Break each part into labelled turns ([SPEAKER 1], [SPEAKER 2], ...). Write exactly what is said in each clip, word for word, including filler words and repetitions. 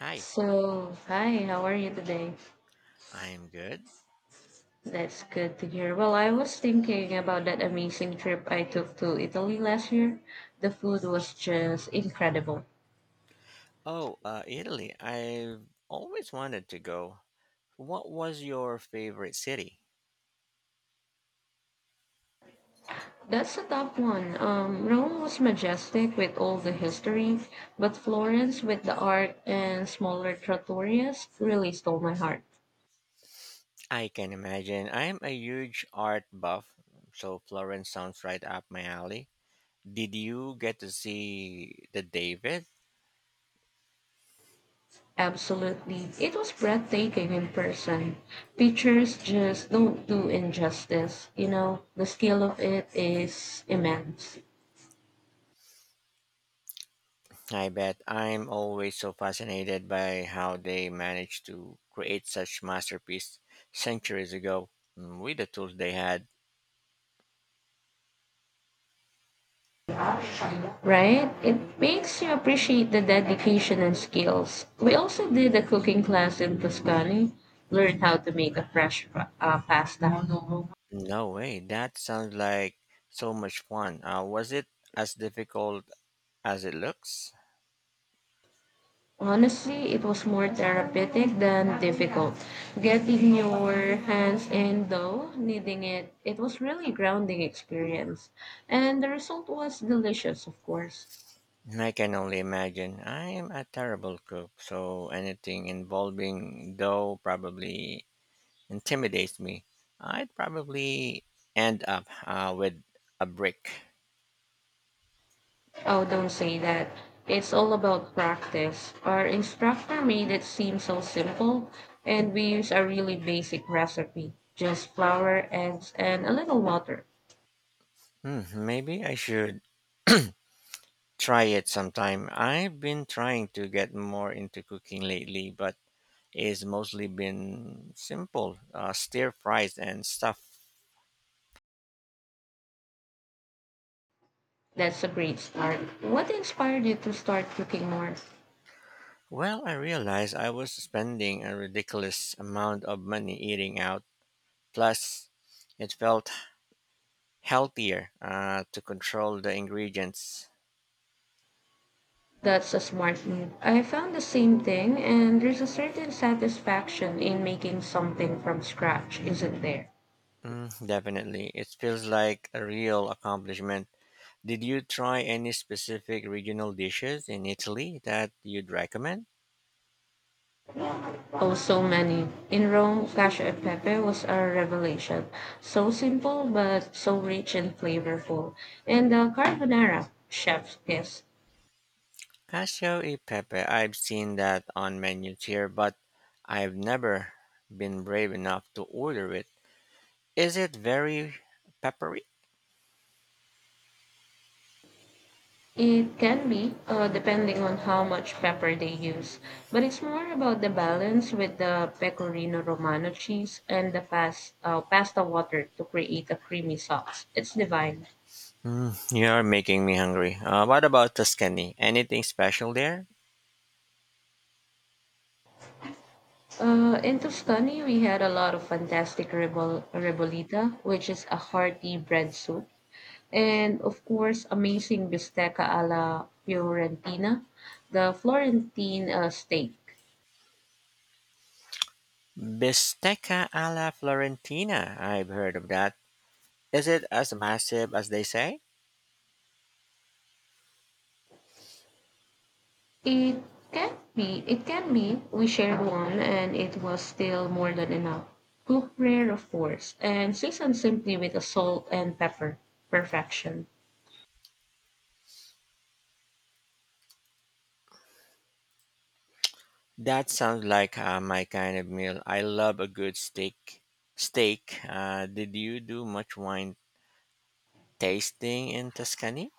[SPEAKER 1] Hi.
[SPEAKER 2] So, hi, how are you today?
[SPEAKER 1] I'm good.
[SPEAKER 2] That's good to hear. Well, I was thinking about that amazing trip I took to Italy last year. The food was just incredible.
[SPEAKER 1] Oh, uh, Italy. I've always wanted to go. What was your favorite city?
[SPEAKER 2] That's a top one. Um, Rome was majestic with all the history, but Florence with the art and smaller trattorias really stole my heart.
[SPEAKER 1] I can imagine. I'm a huge art buff, so Florence sounds right up my alley. Did you get to see the David?
[SPEAKER 2] Absolutely. It was breathtaking in person. Pictures just don't do injustice. You know, the scale of it is immense.
[SPEAKER 1] I bet. I'm always so fascinated by how they managed to create such masterpiece centuries ago, mm, with the tools they had.
[SPEAKER 2] Right? It makes you appreciate the dedication and skills. We also did a cooking class in Tuscany, learned how to make a fresh pa- uh, pasta.
[SPEAKER 1] No way. That sounds like so much fun. Uh, was it as difficult as it looks?
[SPEAKER 2] Honestly, it was more therapeutic than difficult. Getting your hands in dough, kneading it, it was really grounding experience. And the result was delicious, of course.
[SPEAKER 1] I can only imagine. I am a terrible cook, so anything involving dough probably intimidates me. I'd probably end up uh, with a brick.
[SPEAKER 2] Oh, don't say that. It's all about practice. Our instructor made it seem so simple, and we use a really basic recipe just flour, eggs, and a little water.
[SPEAKER 1] Hmm, maybe I should try it sometime. I've been trying to get more into cooking lately, but it's mostly been simple uh, stir fries and stuff.
[SPEAKER 2] That's a great start. What inspired you to start cooking more?
[SPEAKER 1] Well, I realized I was spending a ridiculous amount of money eating out. Plus, it felt healthier, uh, to control the ingredients.
[SPEAKER 2] That's a smart move. I found the same thing, and there's a certain satisfaction in making something from scratch, isn't there?
[SPEAKER 1] Mm, definitely. It feels like a real accomplishment. Did you try any specific regional dishes in Italy that you'd recommend?
[SPEAKER 2] Oh, so many. In Rome, cacio e pepe was a revelation. So simple, but so rich and flavorful. And the carbonara, chef's kiss.
[SPEAKER 1] Cacio e pepe. I've seen that on menus here, but I've never been brave enough to order it. Is it very peppery?
[SPEAKER 2] It can be, uh, depending on how much pepper they use, but it's more about the balance with the pecorino romano cheese and the fast, uh, pasta water to create a creamy sauce. It's divine.
[SPEAKER 1] Mm, you're making me hungry. Uh, what about Tuscany? Anything special there?
[SPEAKER 2] Uh, in Tuscany, we had a lot of fantastic ribol, ribolita, which is a hearty bread soup. And of course, amazing bistecca alla Fiorentina, the Florentine uh, steak.
[SPEAKER 1] Bistecca alla Florentina. I've heard of that. Is it as massive as they say?
[SPEAKER 2] It can be, it can be. We shared one, and it was still more than enough. Cook rare, of course, and seasoned simply with the salt and pepper. Perfection.
[SPEAKER 1] That sounds like uh, my kind of meal. I love a good steak. Steak. Uh, did you do much wine tasting in Tuscany?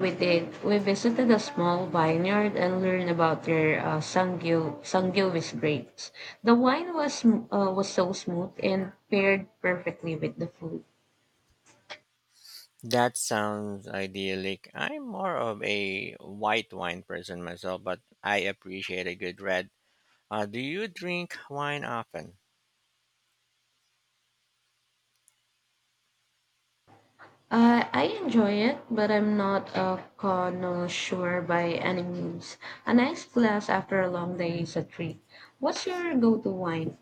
[SPEAKER 2] We did. We visited a small vineyard and learned about their uh, sangyu sangiovese grapes. The wine was sm- uh, was so smooth and paired perfectly with the food.
[SPEAKER 1] That sounds idyllic. I'm more of a white wine person myself, but I appreciate a good red. Uh, do you drink wine often?
[SPEAKER 2] Uh, I enjoy it, but I'm not a connoisseur by any means. A nice glass after a long day is a treat. What's your go-to wine?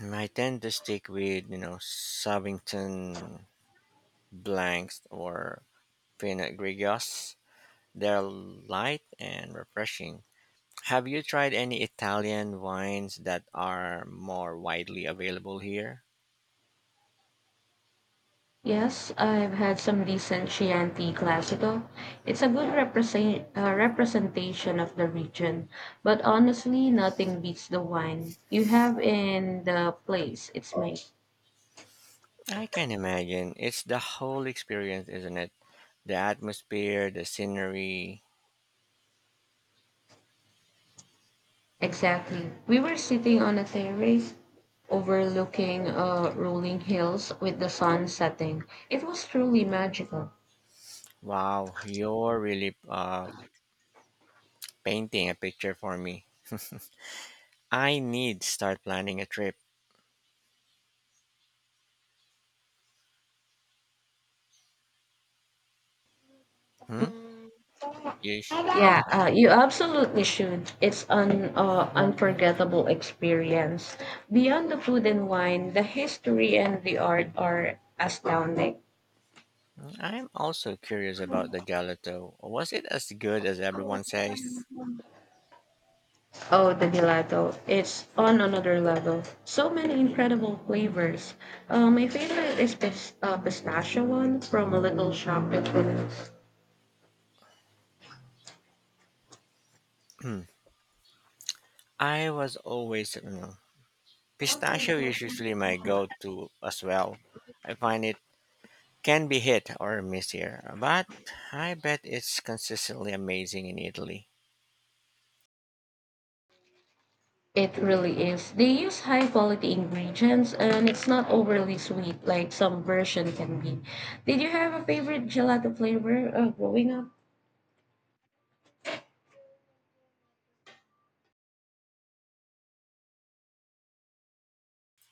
[SPEAKER 1] I tend to stick with you know Sabbington blanks or Pinot Grigios. They're light and refreshing. Have you tried any Italian wines that are more widely available here?
[SPEAKER 2] Yes, I've had some decent Chianti Classico. It's a good represent, uh, representation of the region, but honestly, nothing beats the wine you have in the place. It's made.
[SPEAKER 1] I can imagine. It's the whole experience, isn't it? The atmosphere, the scenery.
[SPEAKER 2] Exactly. We were sitting on a terrace overlooking uh, rolling hills with the sun setting. It was truly magical.
[SPEAKER 1] Wow, you're really uh, painting a picture for me. I need start planning a trip. Hmm? You sh-
[SPEAKER 2] Yeah, uh, you absolutely should. It's an uh, unforgettable experience. Beyond the food and wine, the history and the art are astounding.
[SPEAKER 1] Mm, I'm also curious about the gelato. Was it as good as everyone says?
[SPEAKER 2] Oh, the gelato. It's on another level. So many incredible flavors. Uh, my favorite is pis- uh, pistachio one from a little shop in Queens.
[SPEAKER 1] I was always, mm, pistachio is usually my go-to as well. I find it can be hit or miss here, but I bet it's consistently amazing in Italy.
[SPEAKER 2] It really is. They use high quality ingredients and it's not overly sweet like some version can be. Did you have a favorite gelato flavor uh, growing up?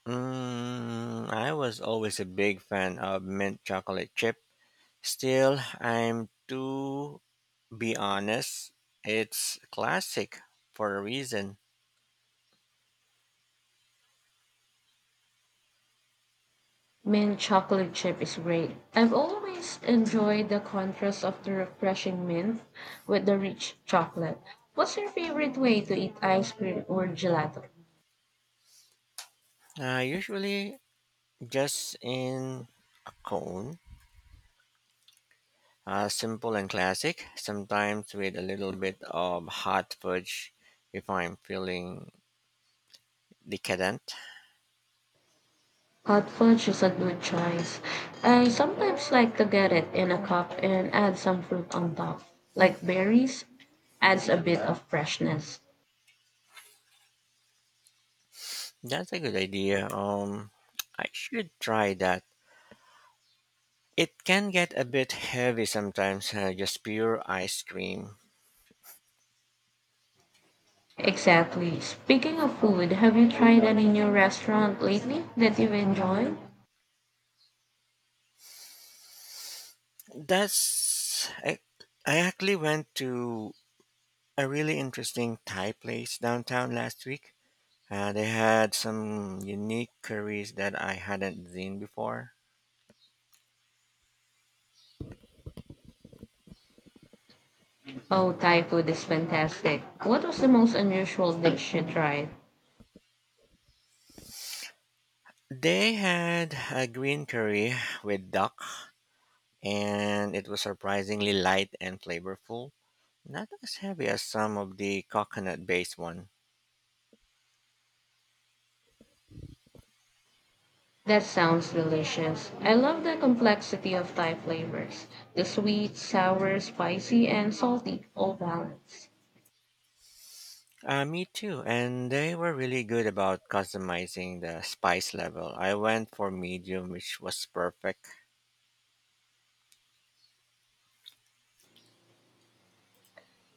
[SPEAKER 1] Mm, I was always a big fan of mint chocolate chip. Still, I'm to be honest, it's classic for a reason.
[SPEAKER 2] Mint chocolate chip is great. I've always enjoyed the contrast of the refreshing mint with the rich chocolate. What's your favorite way to eat ice cream or gelato?
[SPEAKER 1] Uh, usually, just in a cone, uh, simple and classic, sometimes with a little bit of hot fudge if I'm feeling decadent.
[SPEAKER 2] Hot fudge is a good choice. I sometimes like to get it in a cup and add some fruit on top, like berries, adds a bit of freshness.
[SPEAKER 1] That's a good idea. Um, I should try that. It can get a bit heavy sometimes, uh, just pure ice cream.
[SPEAKER 2] Exactly. Speaking of food, have you tried any new restaurant lately that you've enjoyed?
[SPEAKER 1] That's. I, I actually went to a really interesting Thai place downtown last week. Uh, they had some unique curries that I hadn't seen before.
[SPEAKER 2] Oh, Thai food is fantastic. What was the most unusual dish you tried?
[SPEAKER 1] They had a green curry with duck, and it was surprisingly light and flavorful. Not as heavy as some of the coconut based one.
[SPEAKER 2] That sounds delicious. I love the complexity of Thai flavors. The sweet, sour, spicy, and salty all balanced.
[SPEAKER 1] Uh, me too, and they were really good about customizing the spice level. I went for medium, which was perfect.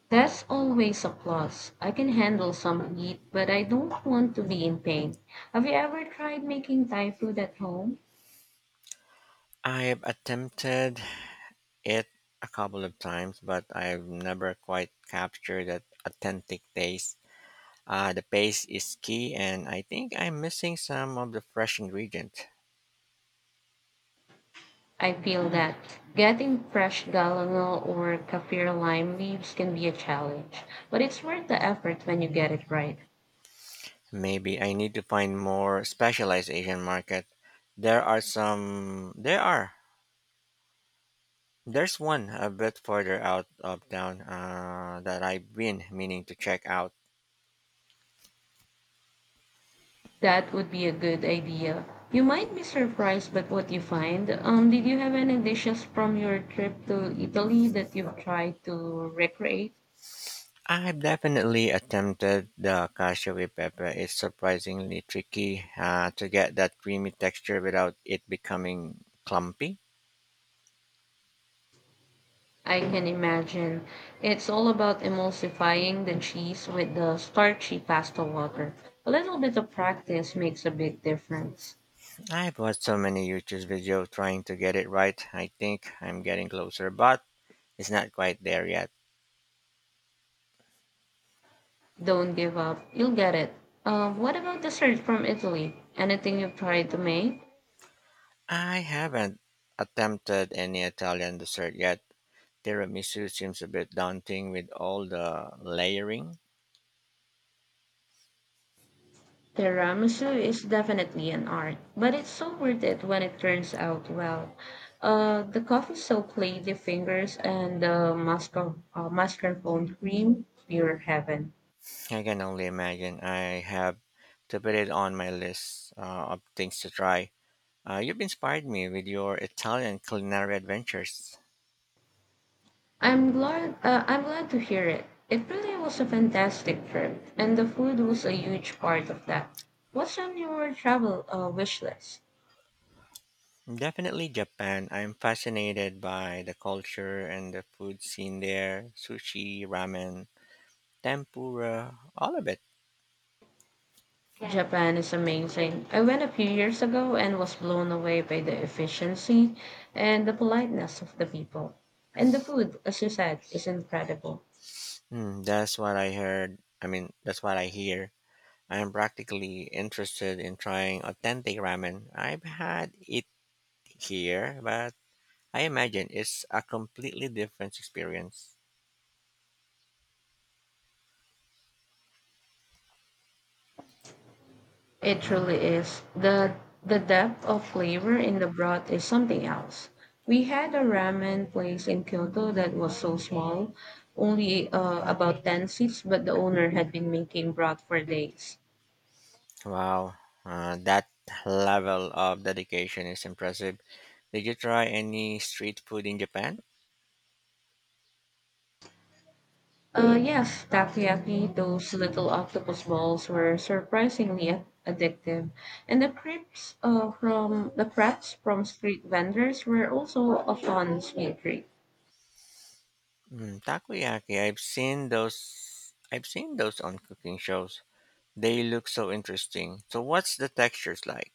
[SPEAKER 2] That's always a plus. I can handle some heat, but I don't want to be in pain. Have you ever tried making Thai food at home?
[SPEAKER 1] I've attempted it a couple of times, but I've never quite captured that authentic taste. Uh, the paste is key, and I think I'm missing some of the fresh ingredients.
[SPEAKER 2] I feel that getting fresh galangal or kaffir lime leaves can be a challenge, but it's worth the effort when you get it right.
[SPEAKER 1] Maybe I need to find more specialized Asian market. There are some. There are. There's one a bit further out of town, uh, that I've been meaning to check out.
[SPEAKER 2] That would be a good idea. You might be surprised by what you find. Um, did you have any dishes from your trip to Italy that you've tried to recreate?
[SPEAKER 1] I've definitely attempted the cashew with pepper. It's surprisingly tricky, uh, to get that creamy texture without it becoming clumpy.
[SPEAKER 2] I can imagine. It's all about emulsifying the cheese with the starchy pasta water. A little bit of practice makes a big difference.
[SPEAKER 1] I've watched so many YouTube videos trying to get it right. I think I'm getting closer, but it's not quite there yet.
[SPEAKER 2] Don't give up. You'll get it. Uh, what about dessert from Italy? Anything you've tried to make?
[SPEAKER 1] I haven't attempted any Italian dessert yet. Tiramisu seems a bit daunting with all the layering.
[SPEAKER 2] Tiramisu is definitely an art, but it's so worth it when it turns out well. Uh, the coffee soaked lady fingers and the mascar uh, mascarpone cream, pure heaven.
[SPEAKER 1] I can only imagine. I have to put it on my list, uh, of things to try. Uh, you've inspired me with your Italian culinary adventures.
[SPEAKER 2] I'm glad uh, I'm glad to hear it. It really was a fantastic trip, and the food was a huge part of that. What's on your travel uh, wish list?
[SPEAKER 1] Definitely Japan. I'm fascinated by the culture and the food scene there, sushi, ramen, tempura, all of it.
[SPEAKER 2] Japan is amazing. I went a few years ago and was blown away by the efficiency and the politeness of the people. And the food, as you said, is incredible.
[SPEAKER 1] Mm, that's what I heard. I mean, that's what I hear. I am practically interested in trying authentic ramen. I've had it here, but I imagine it's a completely different experience.
[SPEAKER 2] It
[SPEAKER 1] Hmm.
[SPEAKER 2] truly is. The the depth of flavor in the broth is something else. We had a ramen place in Kyoto that was so small, only uh, about ten seats, but the owner had been making broth for days.
[SPEAKER 1] Wow, uh, that level of dedication is impressive. Did you try any street food in Japan?
[SPEAKER 2] Uh, yes, takoyaki, those little octopus balls were surprisingly a- addictive. And the crepes uh, from the crepes from street vendors were also a fun sweet treat.
[SPEAKER 1] Mm, takoyaki. I've seen those. I've seen those on cooking shows. They look so interesting. So, what's the textures like?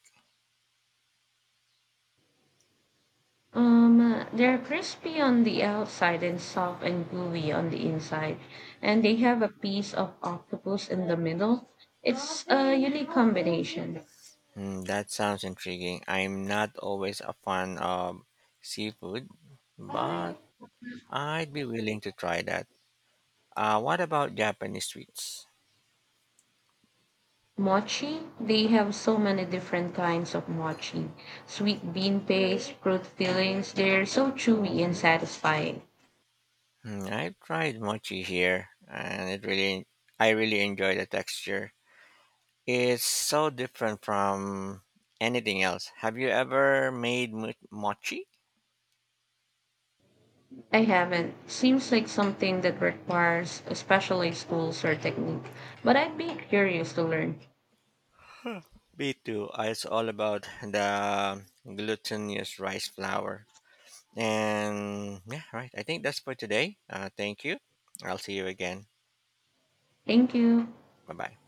[SPEAKER 2] Um, they're crispy on the outside and soft and gooey on the inside, and they have a piece of octopus in the middle. It's a unique combination.
[SPEAKER 1] Hmm, that sounds intriguing. I'm not always a fan of seafood, but I'd be willing to try that. Uh, what about Japanese sweets?
[SPEAKER 2] Mochi, they have so many different kinds of mochi. Sweet bean paste, fruit fillings, they're so chewy and satisfying.
[SPEAKER 1] Hmm, I've tried mochi here, and it really, I really enjoy the texture. It's so different from anything else. Have you ever made mo- mochi?
[SPEAKER 2] I haven't. Seems like something that requires especially schools or technique, but I'd be curious to learn.
[SPEAKER 1] Me too. It's all about the glutinous rice flour. And yeah, right. I think that's for today. Uh, thank you. I'll see you again.
[SPEAKER 2] Thank you.
[SPEAKER 1] Bye bye.